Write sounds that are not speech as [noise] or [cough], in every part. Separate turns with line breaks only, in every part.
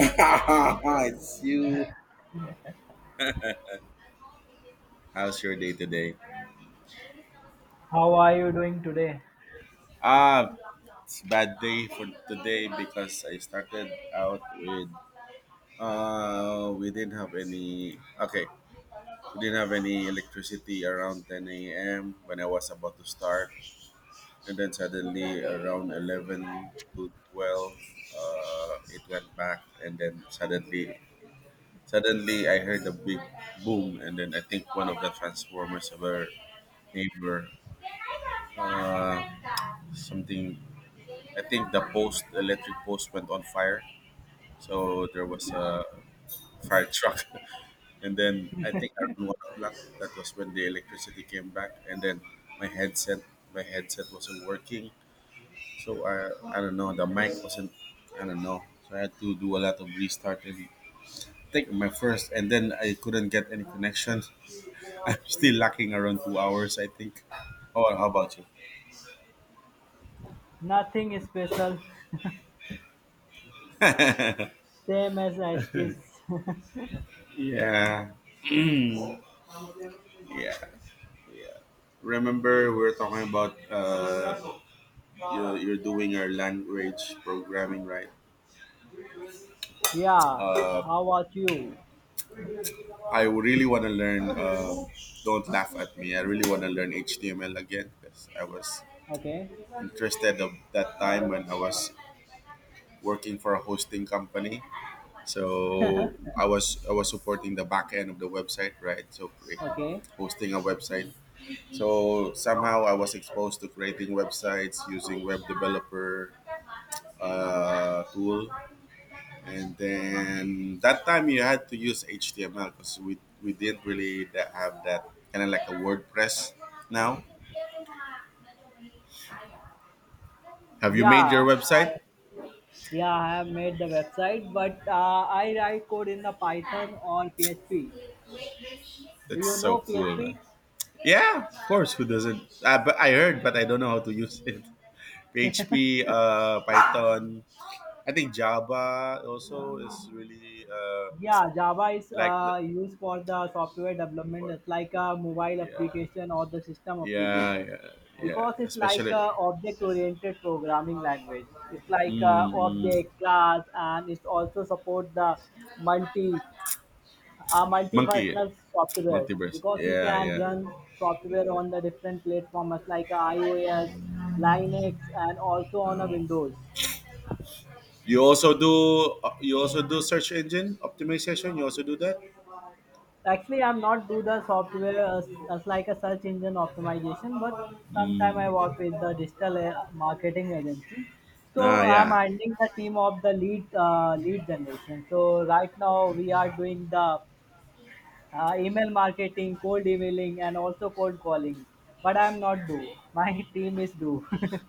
[laughs] It's you. How's your day today?
How are you doing today?
Ah, it's a bad day for today because I started out with we didn't have any okay, 11 to 12. It went back and then suddenly I heard a big boom, and then I think one of the transformers of our neighbor, uh something, I think the post electric post went on fire. So there was a fire truck. [laughs] And then I think around 1 o'clock, that was when the electricity came back. And then my headset, my headset wasn't working. So I don't know, the mic wasn't, I don't know. So I had to do a lot of restart and take my first. And then I couldn't get any connection. [laughs] I'm still lacking around 2 hours, I think. Oh, how about you?
Nothing special,
[laughs] Yeah,
same as it is.
yeah, yeah. Remember, we were talking about you're doing your language programming, right?
[laughs] Yeah,
uh,
how about you?
I really want to learn. Don't laugh at me. I really want to learn HTML again because I was
Okay,
interested of that time when I was working for a hosting company. So I was supporting the back end of the website, right? So
okay.
hosting a website, so somehow I was exposed to creating websites using web developer tool, and then that time you had to use HTML because we didn't really have that kind of like a WordPress now. Have you made
Yeah,
your website?
yeah, I have made the website, but I write code in the Python or PHP. Do you
That's so
know
cool,
PHP?
man. Yeah, of course. Who doesn't? But I heard, but I don't know how to use it. [laughs] PHP, Python, I think Java also is really
Yeah, Java is
like the
used for the software development.
for,
It's like a mobile
yeah,
application or the system
yeah,
application,
yeah, yeah,
because it's like a
especially
object-oriented programming language. It's like a
mm, mm.
object class, and it also supports the multi,
Monkey
multifunctional software
multiverse,
because you
yeah,
can
yeah.
run software on the different platforms like a iOS, Linux, and also on a
Oh.
Windows.
You also do search engine optimization, you also do that?
Actually, I'm not do the software as like a search engine optimization, but sometime I work with the
Mm.
digital marketing agency, so
Ah,
I'm
yeah.
handling the team of the lead generation. So right now we are doing the email marketing, cold emailing, and also cold calling, but I'm not do, my [laughs] team is do. [laughs]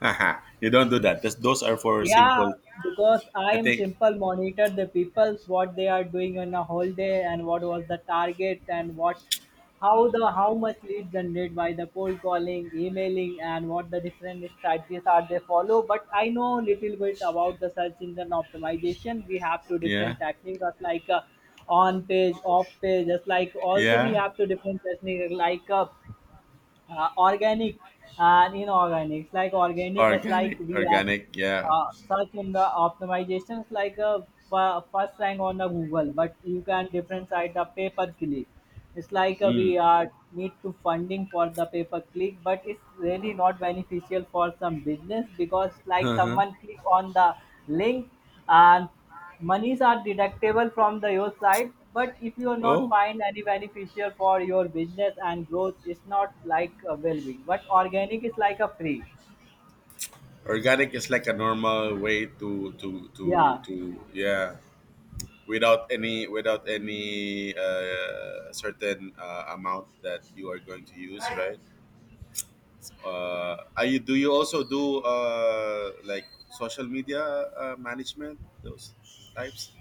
Haha, you don't do that. That's, those are for
Yeah,
simple.
because I
I
am
think.
simple monitor the people's what they are doing on a whole day, and what was the target, and what how the how much lead generated by the cold calling, emailing, and what the different strategies are they follow. But I know little bit about the search engine optimization. We have two
Yeah.
different techniques of like on page, off page. Just like also we
Yeah,
have two different techniques like organic and inorganics. Like organic is like
organic,
we are
organic, yeah.
search in the optimizations like a first rank on the Google, but you can differentiate the pay per click. It's like we
Mm.
are need to funding for the pay per click, but it's really not beneficial for some business because
[laughs]
like
Uh-huh.
someone click on the link and monies are deductible from the your side. But if you are not
Oh,
find any beneficial for your business and growth, it's not like a well-being. But organic is like a free.
organic is like a normal way to
Yeah.
yeah, without any certain amount that you are going to use, right? Are you Do you also do, like, social media management, those types?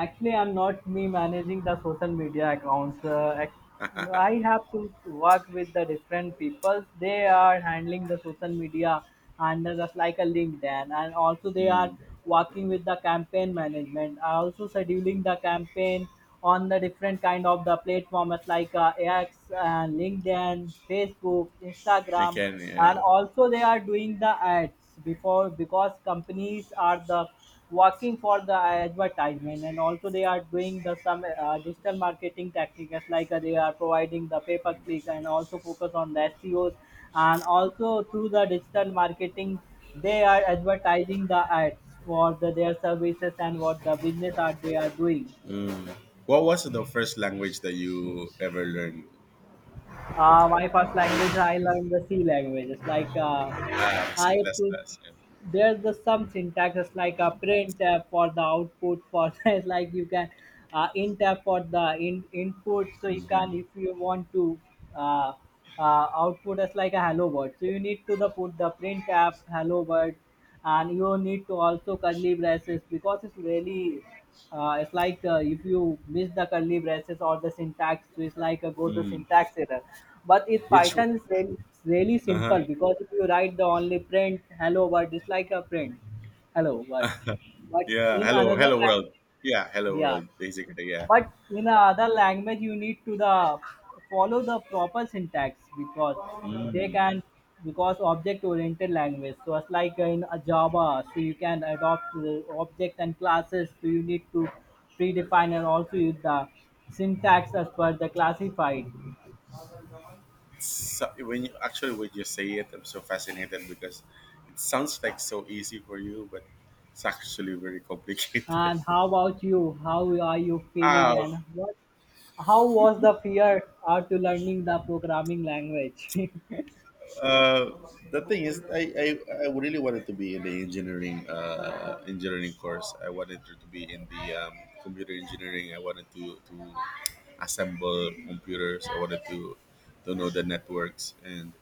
Actually, I'm not me managing the social media accounts. I have to work with the different people. They are handling the social media under just like a LinkedIn, and also they are
Mm,
working with the campaign management. I also scheduling the campaign on the different kind of the platforms like X, LinkedIn, Facebook,
I
Instagram,
can,
and
yeah,
also they are doing the ads before, because companies are the working for the advertisement, and also they are doing the some digital marketing techniques like they are providing the pay per click, and also focus on the SEOs, and also through the digital marketing they are advertising the ads for the, their services and what the business are they are doing.
mm. What was the first language that you ever learned?
My first language, I learned the C languages. Like
Ah, c++
I
plus
put
plus, yeah.
there's the some syntaxes like a print tab for the output for [laughs] it's like you can in tab for the in input. So you
Mhm.
can if you want to uh, uh, output as like a hello word. So you need to the put the print tab hello word, and you need to also curly braces because it's really it's like if you miss the curly braces or the syntax, so it's like go the
Mm.
syntax error. But in
Which?
Python, it's really
Uh-huh.
simple because if you write the only print hello world, it's like a print hello world. But
Yeah,
in
hello,
another
hello world.
language,
Yeah, hello
yeah,
world. Basically, yeah.
but in a other language you need to the follow the proper syntax, because they
Mm.
can, because object oriented language, so it's like in a Java, so you can adopt the object and classes, so you need to predefine and also use the syntax as per the classified.
So, when you say it, I'm so fascinated because it sounds like so easy for you, but it's actually very complicated.
And
[laughs]
how about you, how are you feeling,
Ah,
and what how was the fear after learning the programming language? [laughs]
uh, the thing is, I really wanted to be in the engineering course. I wanted to be in the computer engineering. I wanted to assemble computers. I wanted to know the networks and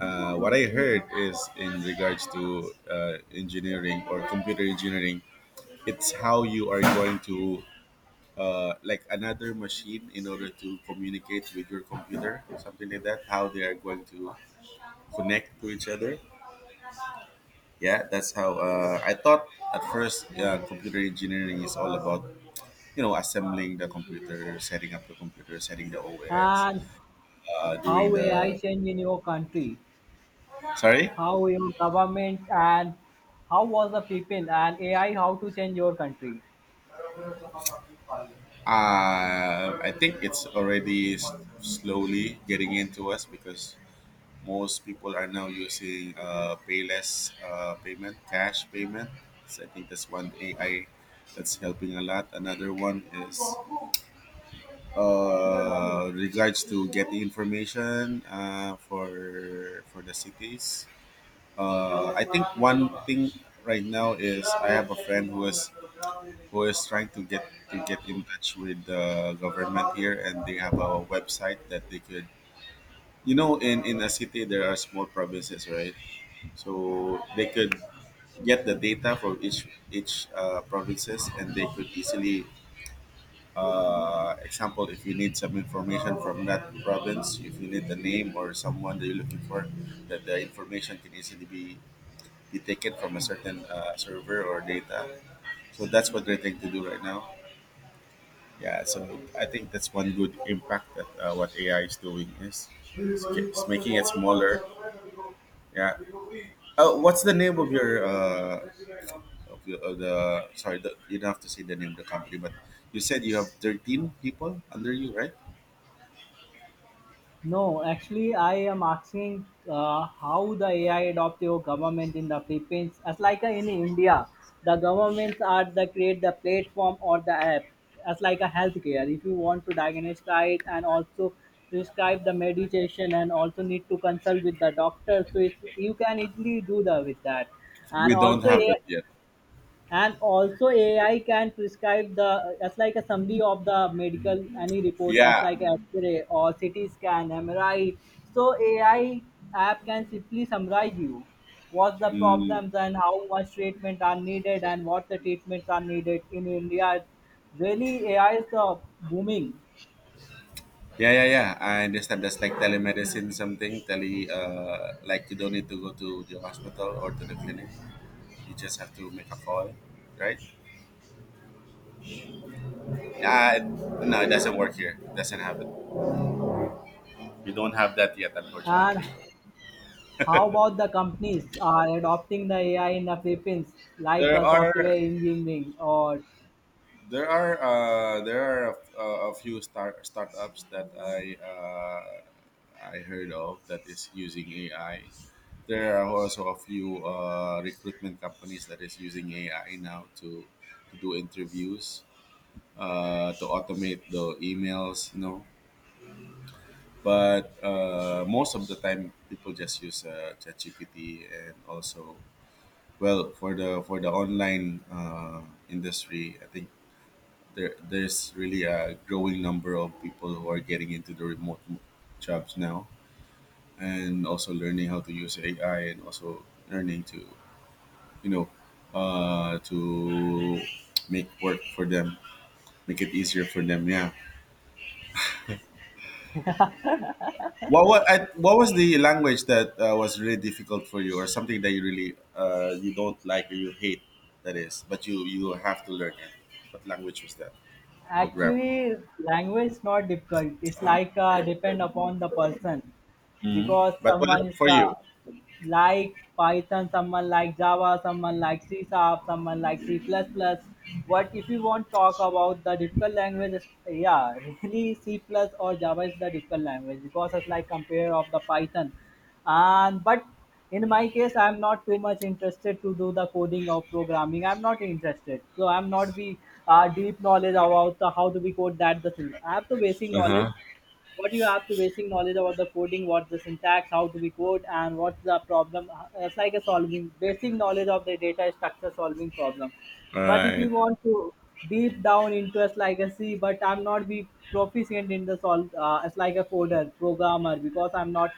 What I heard is in regards to engineering or computer engineering, it's how you are going to, like, another machine in order to communicate with your computer, something like that. How they are going to connect to each other. Yeah, that's how I thought at first. Yeah, computer engineering is all about assembling the computer, setting up the computer, setting the OS,
And
doing
how AI
the.
change in your country,
Sorry.
how your government and how was the people and AI, how to change your country?
I think it's already slowly getting into us because most people are now using payless payment, cash payment. So I think that's one AI that's helping a lot. Another one is regards to getting information for the cities. I think one thing right now is I have a friend who is trying to get in touch with the government here, and they have a website that they could, in a city there are small provinces, right, so they could get the data from each provinces, and they could easily, example, if you need some information from that province, if you need the name or someone that you're looking for, that the information can easily be taken from a certain server or data, so that's what they're trying to do right now. Yeah, so I think that's one good impact that what AI is doing is it's making it smaller. Yeah. Oh, what's the name of your of, your, of the, sorry, the, you don't have to say the name of the company, but you said you have 13 people under you, right?
No, actually, I am asking how the AI adopt your government in the Philippines. As like in India, the governments are the create the platform or the app. As like a healthcare, if you want to diagnose it and also prescribe the medication and also need to consult with the doctor, so it's, you can easily do the with that. And
We don't
also, A
have
I
it yet.
and also AI can prescribe the as like a summary of the medical any report as
Yeah.
like x-ray or CT scan, MRI. So AI app can simply summarize you what's the
Mm.
problems and how much treatment are needed and what the treatments are needed in India. Really AI is the booming.
Yeah, yeah, yeah. I understand that's like telemedicine something, tele like you don't need to go to the hospital or to the clinic. You just have to make a call, right? Uh, no, it doesn't work here. It doesn't happen. We don't have that yet,
And
unfortunately.
how about the companies are adopting the AI in the Philippines, like a
There are
software engineering or,
there are a few startups that I heard of that is using AI. There are also a few recruitment companies that is using AI now to do interviews, to automate the emails. But most of the time, people just use ChatGPT, and also, well, for the online industry, I think there's really a growing number of people who are getting into the remote jobs now, and also learning how to use AI, and also learning to you know to make work for them, make it easier for them. Yeah. What was the language that was really difficult for you, or something that you really, you don't like or you hate? That is, but you have to learn it. What language was that? Program.
actually, language is not difficult. It's like depend upon the person,
Mhm.
because
But what
someone
about
is
for
the
you?
like Python, someone like Java, someone like C sharp, someone like C++. Plus plus. What if you want talk about the difficult language? Is- Yeah, [laughs] really C plus or Java is the difficult language, because it's like compare of the Python, and but in my case I'm not too much interested to do the coding or programming, I'm not interested, so I'm not be deep knowledge about the, how do we code, that the thing I have the basic
Uh
knowledge,
huh.
what you have to basic knowledge about the coding, what's the syntax, how to be code, and what's the problem. It's like a solving basic knowledge of the data structure, solving problem.
All
But if you
right.
want to deep down into as like a C, but I'm not be proficient in the solve as like a coder programmer, because I'm not,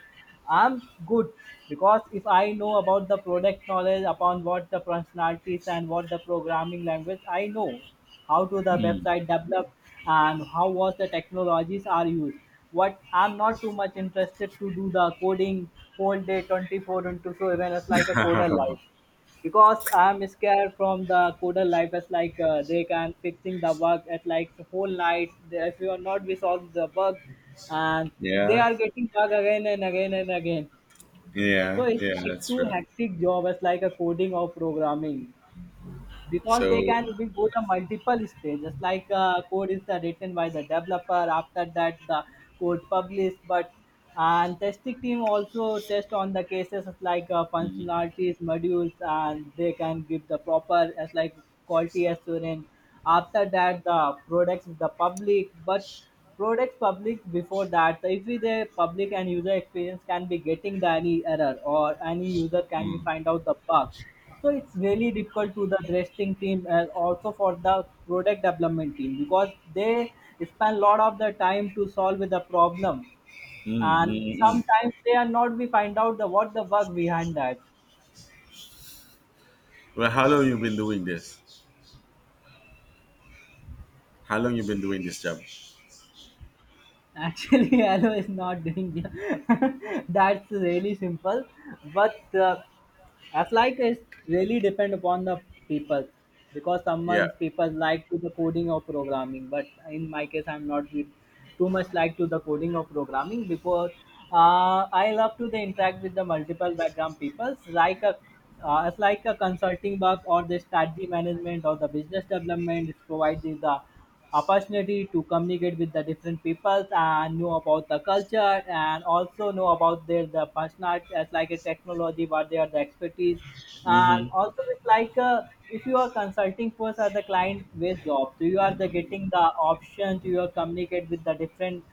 I'm good, because if I know about the product knowledge upon what the functionalities and what the programming language, I know how to the
Mm.
website develop and how was the technologies are used, what I'm not too much interested to do the coding whole day 24 into, so even as like a coder life,
[laughs]
because I'm scared from the coder life as like they can fixing the bug at like the whole night. They, if you are not we solve the bug, and they
Yeah.
are getting bug again and again and again. So
Yeah.
it's
Yeah.
like
That's
too
true.
hectic job as like a coding or programming, because they
So.
can we go the multiple stages like code is the written by the developer, after that the code published, but and testing team also test on the cases like
Mm,
functionalities modules, and they can give the proper as like quality assurance, after that the products is the public, but products public before that, so if we the public and user experience can be getting the any error, or any user
mm,
can be
mm,
find out the bug, so it's really difficult to the wrestling team and also for the product development team, because they spend a lot of the time to solve with the problem,
mm,
and
mm.
sometimes they are not we find out the what the work behind that.
Well, how long you been doing this? How long you been doing this job?
Actually, [laughs] hello is not doing the, [laughs] that's really simple, but as like it really depend upon the people, because
Yeah.
someone's people like to the coding or programming. But in my case, I'm not with too much like to the coding or programming, because I love to the interact with the multiple background peoples like a it's like a consulting work or the strategy management or the business development is provided the opportunity to communicate with the different peoples and know about the culture and also know about their the personal as like a technology what they are the expertise. And
Mm-hmm.
also it's like if you are consulting first as the client based job, so you are the getting the option to your communicate with the different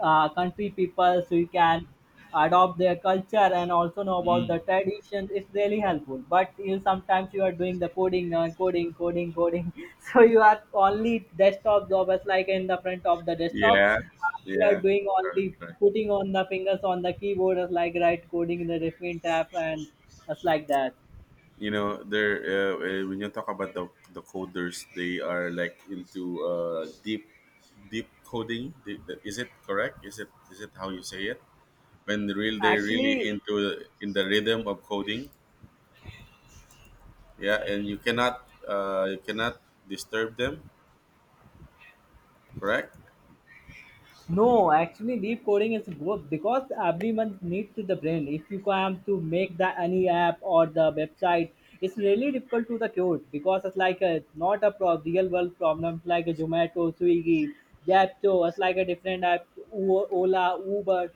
country people, so you can adopt their culture and also know about the
Mm.
tradition, it's really helpful. But you sometimes you are doing the coding coding coding, [laughs] so you are only desktop job as like in the front of the desktop,
Yeah,
you are
yeah.
doing
Correct,
only
correct.
putting on the fingers on the keyboard as like right coding in the different tab and as like that
You know, there, when you talk about the coders, they are like into, deep, deep coding. Deep, is it correct? Is it how you say it? When the real they really
actually.
into in the rhythm of coding, yeah, and you cannot disturb them, correct.
No, actually, deep coding is good because everyone needs to the brain. If you come to make the any app or the website, it's really difficult to the code, because it's like a not a real world problem. It's like a Zomato, Swiggy, Japto. It's like a different app, Ola, Uber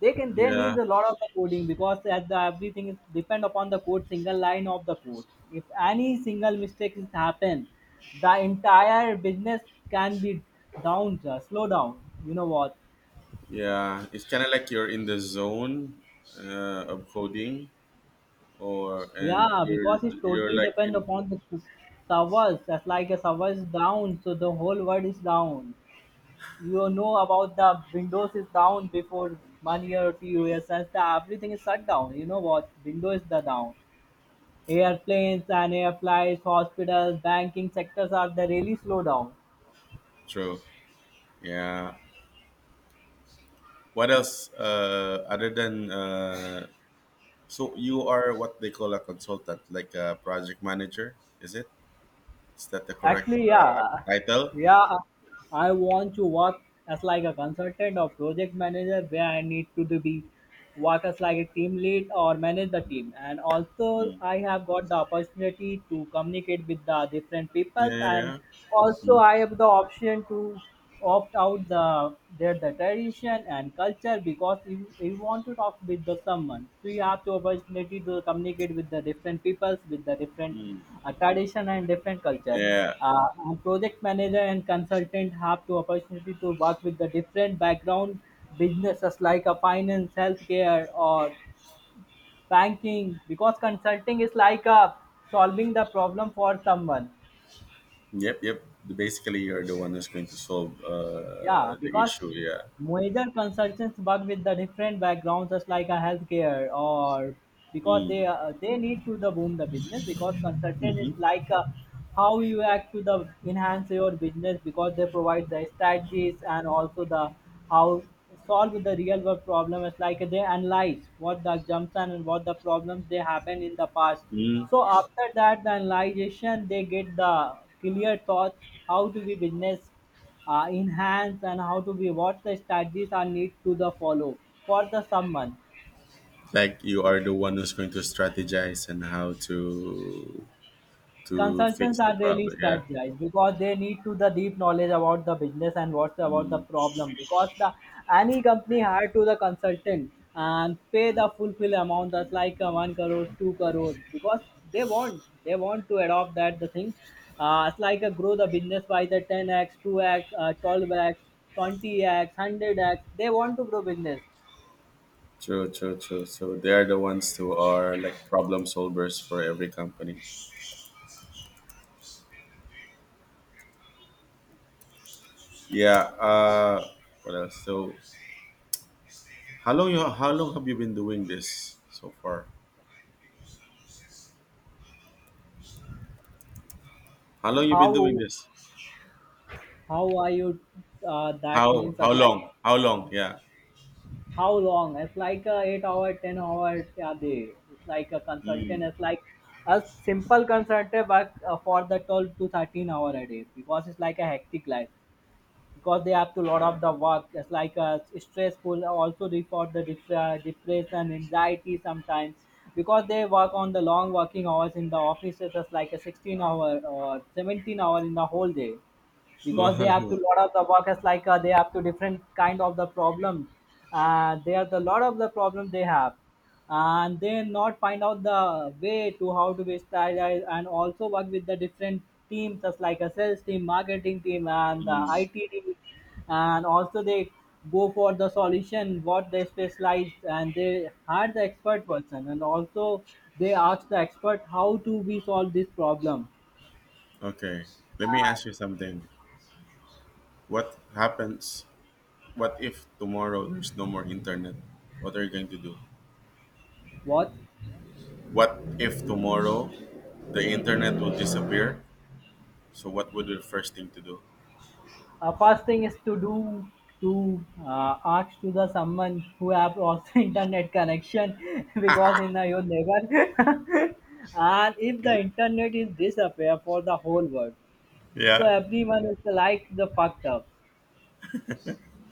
they need
Yeah,
a lot of the coding because as the everything is depend upon the code, single line of the code. If any single mistake is happen, the entire business can be down slow down, you know what?
yeah, it's kind of like you're in the zone of coding, or, and
Yeah,
you're
because it's
you're
totally
like
depend
in.
upon the servers. That's like a server is down, so the whole world is down. You know about the windows is down before 1 year or 2 years, since the everything is shut down, you know what, windows is the down. Airplanes and air flights, hospitals, banking sectors are the really slow down.
True. Yeah. What else, other than, so you are what they call a consultant, like a project manager, is that the correct
Actually, yeah,
title?
yeah. I want to work as like a consultant or project manager where I need to do be work as like a team lead or manage the team. And also,
Mm.
I have got the opportunity to communicate with the different peoples,
Yeah, yeah,
and
yeah.
also I have the option to opt out the their the tradition and culture. Because if you want to talk with the someone, so you have the opportunity to communicate with the different peoples with the different
Mm.
tradition and different culture.
Yeah.
And project manager and consultant have the opportunity to work with the different background businesses like a finance, healthcare, or banking, because consulting is like a solving the problem for someone.
Yep. Yep. Basically, you're the one that's going to solve
Yeah,
the
because
issue. Yeah.
major consultants work with the different backgrounds, just like a healthcare, or because
Mm.
they need to the boom the business, because consultant is
Mm-hmm.
like how you act to the enhance your business, because they provide the strategies and also the how solve the real world problem. It's like they analyze what the assumption and what the problems they happen in the past.
Mm.
So after that, the analyzation, they get the clear thought how to be business enhance and how to be what the strategies are need to the follow for the someone.
Like you are the one who's going to strategize and how to
Consultants
fix the
are really
problem. Yeah.
strategized because they need to the deep knowledge about the business and what's about the
Mm.
problem. Because the any company hire to the consultant and pay the fulfill amount, that's like 1 crore 2 crore, because they want to adopt that the thing. It's like a grow the business by the 10x 2x 12x 20x 100x, they want to grow business.
True. True. True. So they are the ones who are like problem solvers for every company. Yeah. What else? So how long have you been doing this so far? How long you been doing
How
this?
how are you That means that
How
like
long? How long? Yeah.
how long? It's like a 8 hour 10 hour a day. It's like a consultant,
Mm.
it's like a simple consultant, but for the 12 to 13 hour a day, because it's like a hectic life, because they have to load
Uh,
up the work. It's like a stressful also, depression, anxiety sometimes, because they work on the long working hours in the offices. It's like a 16 hour or 17 hour in the whole day, because they have to
[laughs]
lot of the workers, like they have to different kind of the problem, they are the lot of the problem they have, and they not find out the way to how to be strategized and also work with the different teams, just like a sales team, marketing team, and the
Mm.
IT team. And also they go for the solution what they specialize, and they hire the expert person, and also they ask the expert how to we solve this problem.
Okay. Let me ask you something. What happens? What if tomorrow there's no more internet? What are you going to do?
What?
What if tomorrow the internet will disappear? So what would be the first thing to do?
First thing is to do to ask to the someone who have also [laughs] internet connection, [laughs] because in the your neighbor. [laughs] And if the internet is disappear for the whole world, so
Yeah.
everyone is like the fucked up.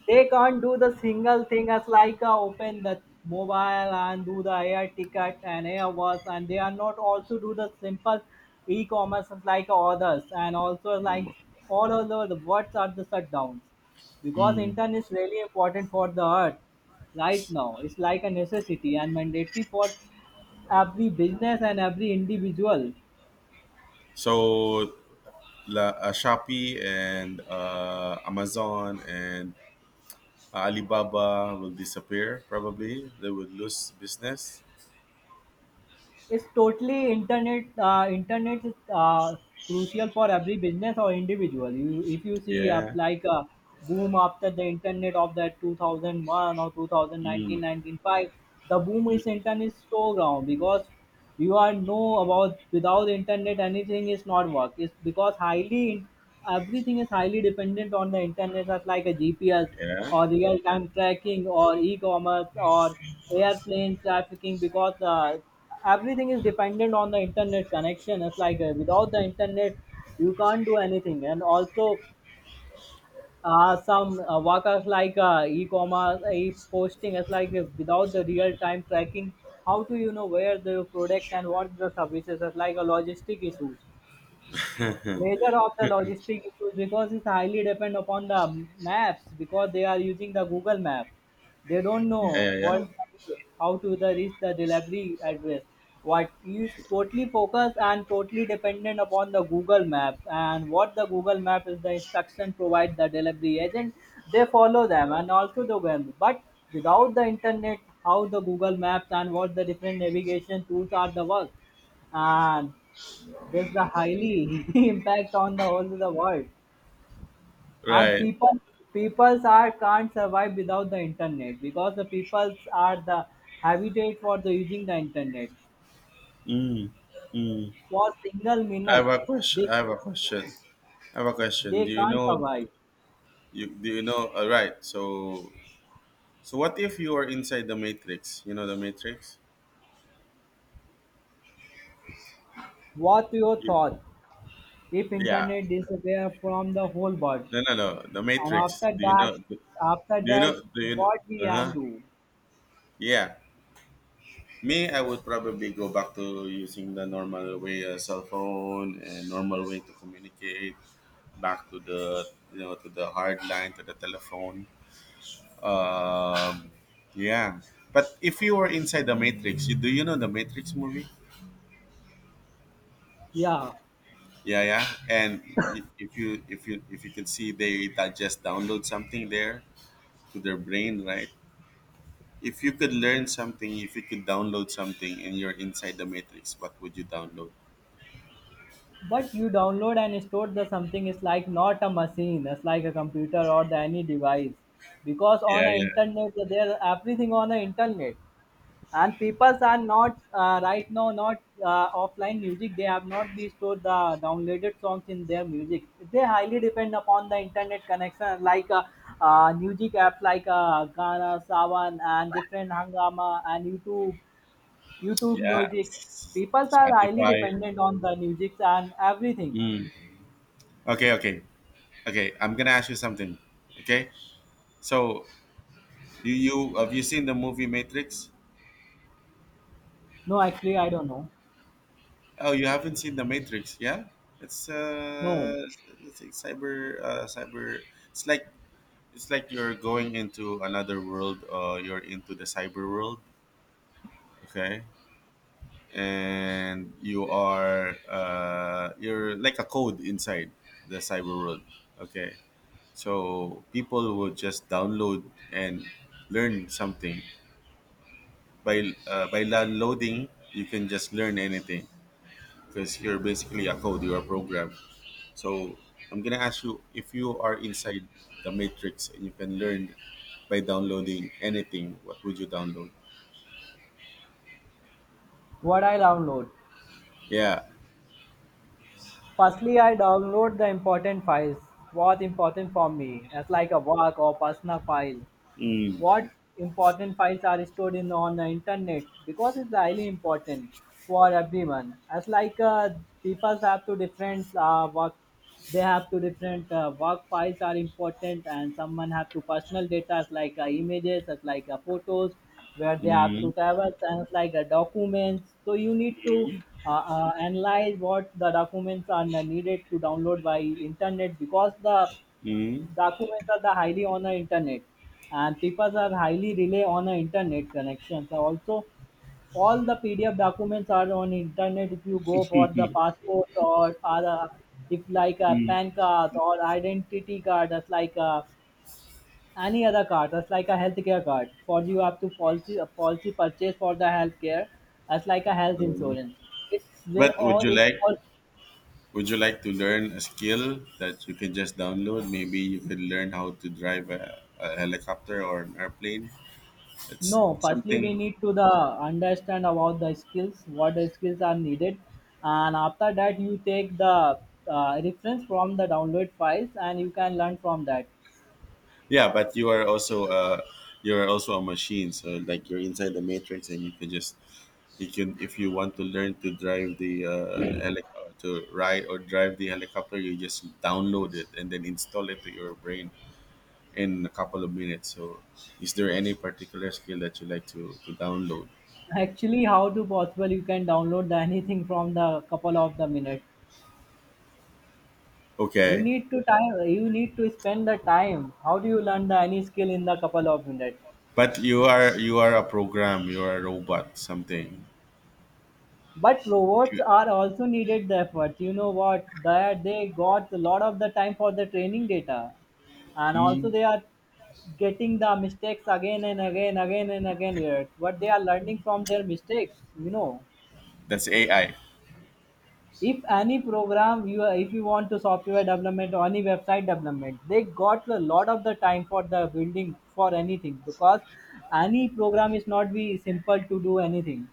They can't do the single thing, as like open the mobile and do the air ticket and airways, and they are not also do the simple e-commerce as like others, and also
No
like
more.
all over the words are the shutdowns, because
Mm.
internet is really important for the earth right now. It's like a necessity and mandatory for every business and every individual.
So, Shopee, and Amazon, and Alibaba will disappear probably. They would lose business.
It's totally internet. Internet is crucial for every business or individual. You, if you see up
Yeah.
like a boom after the internet of that 2001 or two thousand
Mm.
nineteen 19 five, the boom
Mm.
is internet is so ground, because you are know about without internet anything is not work. It's because highly everything is highly dependent on the internet, as like a GPS
Yeah.
or real-time tracking or e-commerce or airplane trafficking, because everything is dependent on the internet connection. It's like without the internet, you can't do anything. And also some workers like e-commerce e-posting, it's like without the real-time tracking, how do you know where the product and what the services, is like a logistic issues. Major of the logistic issues, because it's highly depend upon the maps, because they are using the Google map. They don't
Yeah,
know
yeah,
what
yeah.
how to the reach the delivery address. What you totally focus and totally dependent upon the Google map, and what the Google map is the instruction provide the delivery agent. They follow them and also the well. But without the internet, how the Google maps and what the different navigation tools are the work, and this the highly [laughs] impact on the whole of the world, and
Right.
peoples are can't survive without the internet, because the peoples are the habitat for the using the internet.
Mm. Mm.
For single
I have
minute,
a question.
they
I have a question. I have a question.
they
Do you
can't
know?
survive.
You Do you know? All right. So, what if you are inside the matrix? You know the matrix.
What your
You,
thought if
yeah.
internet disappear from the whole world,
No, no, no. The
and
matrix.
after
Do you
that,
know? Do
after
you
that,
know? Do you know?
what we
Uh
can
huh.
do?
Yeah. Me, I would probably go back to using the normal way, cell phone, and normal way to communicate. Back to the, to the hard line, to the telephone. Um, yeah. But if you were inside the Matrix, do you know the Matrix movie?
Yeah.
Yeah, yeah. And if you if you if you could see they that just download something there to their brain, right? If you could learn something, if you could download something, and you're inside the Matrix, what would you download?
But you download and store the something is like not a machine, it's like a computer or the any device. Because on
Yeah,
the
yeah,
internet, there everything on the internet, and people are not right now not offline music. They have not be stored the downloaded songs in their music. They highly depend upon the internet connection, like music apps like Gaana, Savan, and different Hangama and YouTube, YouTube
yeah.
music. People are highly
Spotify.
dependent on the music and everything.
Mm. Okay, okay, okay. I'm gonna ask you something. Okay, so you seen the movie Matrix?
No, actually, I don't know.
Oh, you haven't seen The Matrix, yeah? It's uh,
No,
it's like cyber, cyber. It's like you're going into another world. You're into the cyber world, okay? And you're like a code inside the cyber world, okay? So people would just download and learn something by downloading. You can just learn anything because you're basically a code, you're a program. So I'm gonna ask you, if you are inside the matrix and you can learn by downloading anything, what would you download?
what I download.
Yeah.
Firstly, I download the important files. What important for me? That's like a work or personal file.
Mm,
What important files are stored in on the internet, because it's highly important for everyone, as like people have to different work. They have to different work files are important, and someone have to personal data, as like images, as like photos where they have to
mm,
travel, and as like documents. So you need to
mm,
analyze what the documents are needed to download by internet. Because the
mm,
documents are the highly on the internet, and people are highly rely on the internet connections. Also, all the PDF documents are on internet. If you go for the passport or other, if like a PAN card or identity card, that's like a any other card, that's like a healthcare card. For you have to policy a policy purchase for the healthcare, that's like a health
mm.
insurance. It's they
But
all it's all.
would you like to learn a skill that you can just download? Maybe you can learn how to drive a helicopter or an airplane. It's
No, firstly we
something.
need to the understand about the skills, what the skills are needed, and after that you take the reference from the download files, and you can learn from that.
Yeah, but you're also a machine, so like you're inside the matrix, and you can, if you want to learn to drive the or to ride or drive the helicopter, you just download it and then install it to your brain in a couple of minutes. So, is there any particular skill that you like to download?
[laughs] Actually, how to possible you can download the [laughs] anything from the couple of the minute. You
Okay,
need to time. You need to spend the time. How do you learn the any skill in the couple of minute?
but you are a program, you are a robot, something.
But robots
You-
are also needed the efforts. You know what? That they got a lot of the time for the training data, and also
Hmm,
they are getting the mistakes again and again here. But they are learning from their mistakes. You know,
that's AI,
if any program you if you want to software development or any website development, they got a lot of the time for the building for anything, because any program is not be simple to do anything.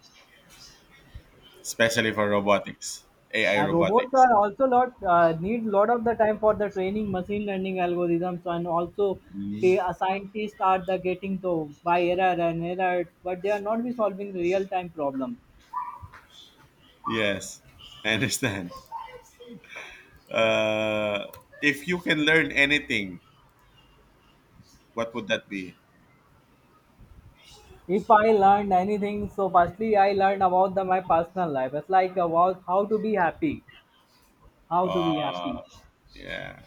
especially for robotics, AI
And robots
robotics.
are also lot need lot of the time for the training machine learning algorithms, and also
Hmm.
they a scientists are the getting to by error and error, but they are not be solving real time problem.
Yes, I understand. Uh, if you can learn anything, what would that be?
If I learned anything, so firstly I learned about the my personal life. It's like about how to be happy, how to be
Uh,
happy.
yeah.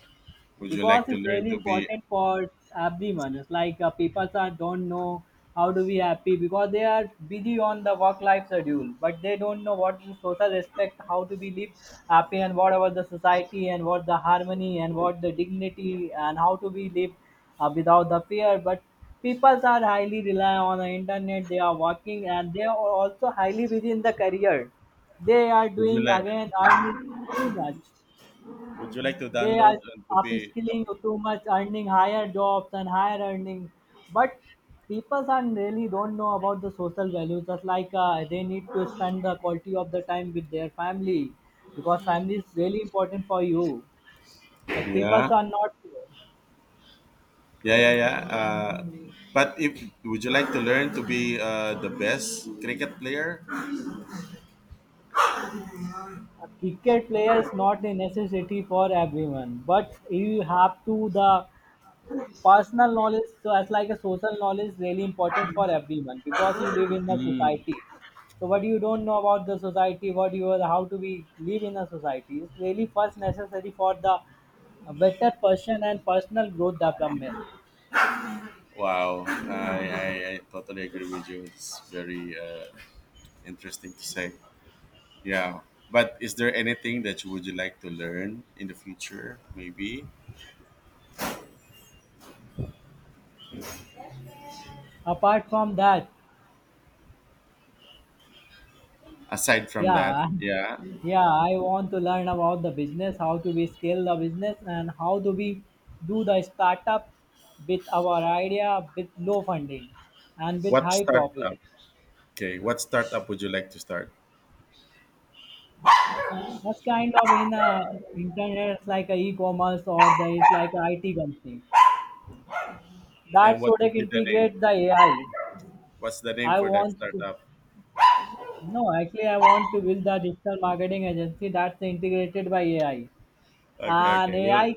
Would you
Because
like to
it's
learn
really
to be?
important for everyone. It's like people are don't know how to be happy, because they are busy on the work life schedule, but they don't know what is the social respect, how to be live happy, and what about the society, and what the harmony, and what the dignity, and how to be live without the fear. But people are highly rely on the internet. They are working, and they are also highly busy in the career. They are
Would you
doing
like?
again earning too much,
Would you like to
they are
download and to be?
upskilling too much, earning higher jobs and higher earning. But people are really don't know about the social value. Just like they need to spend the quality of the time with their family, because family is really important for you. But people
Yeah,
are not.
yeah, yeah, yeah. But if Would you like to learn to be, the best cricket player?
A cricket player is not a necessity for everyone, but you have to the personal knowledge, so as like a social knowledge, really important for everyone because you live in a society. So what you don't know about the society, what you are, how to be live in a society is really first necessary for the better person and personal growth development.
Wow, I totally agree with you. It's very interesting to say. Yeah. But is there anything that you like to learn in the future, maybe?
Apart from that,
Aside from that,
yeah,
yeah.
[laughs] yeah, I want to learn about the business, how to be scale the business, and how do we do the startup with our idea with low funding and with
What
high
startup?
profit.
Okay, what startup would you like to start?
That's kind of in internet, it's like a e-commerce or the it's like a IT company.
And
That
what
product
would be the name?
integrate the AI. I
What's the name
I
for that
want to
startup?
no, actually I want to build the digital marketing agency that's integrated by AI.
Okay,
And
okay. We'll
AI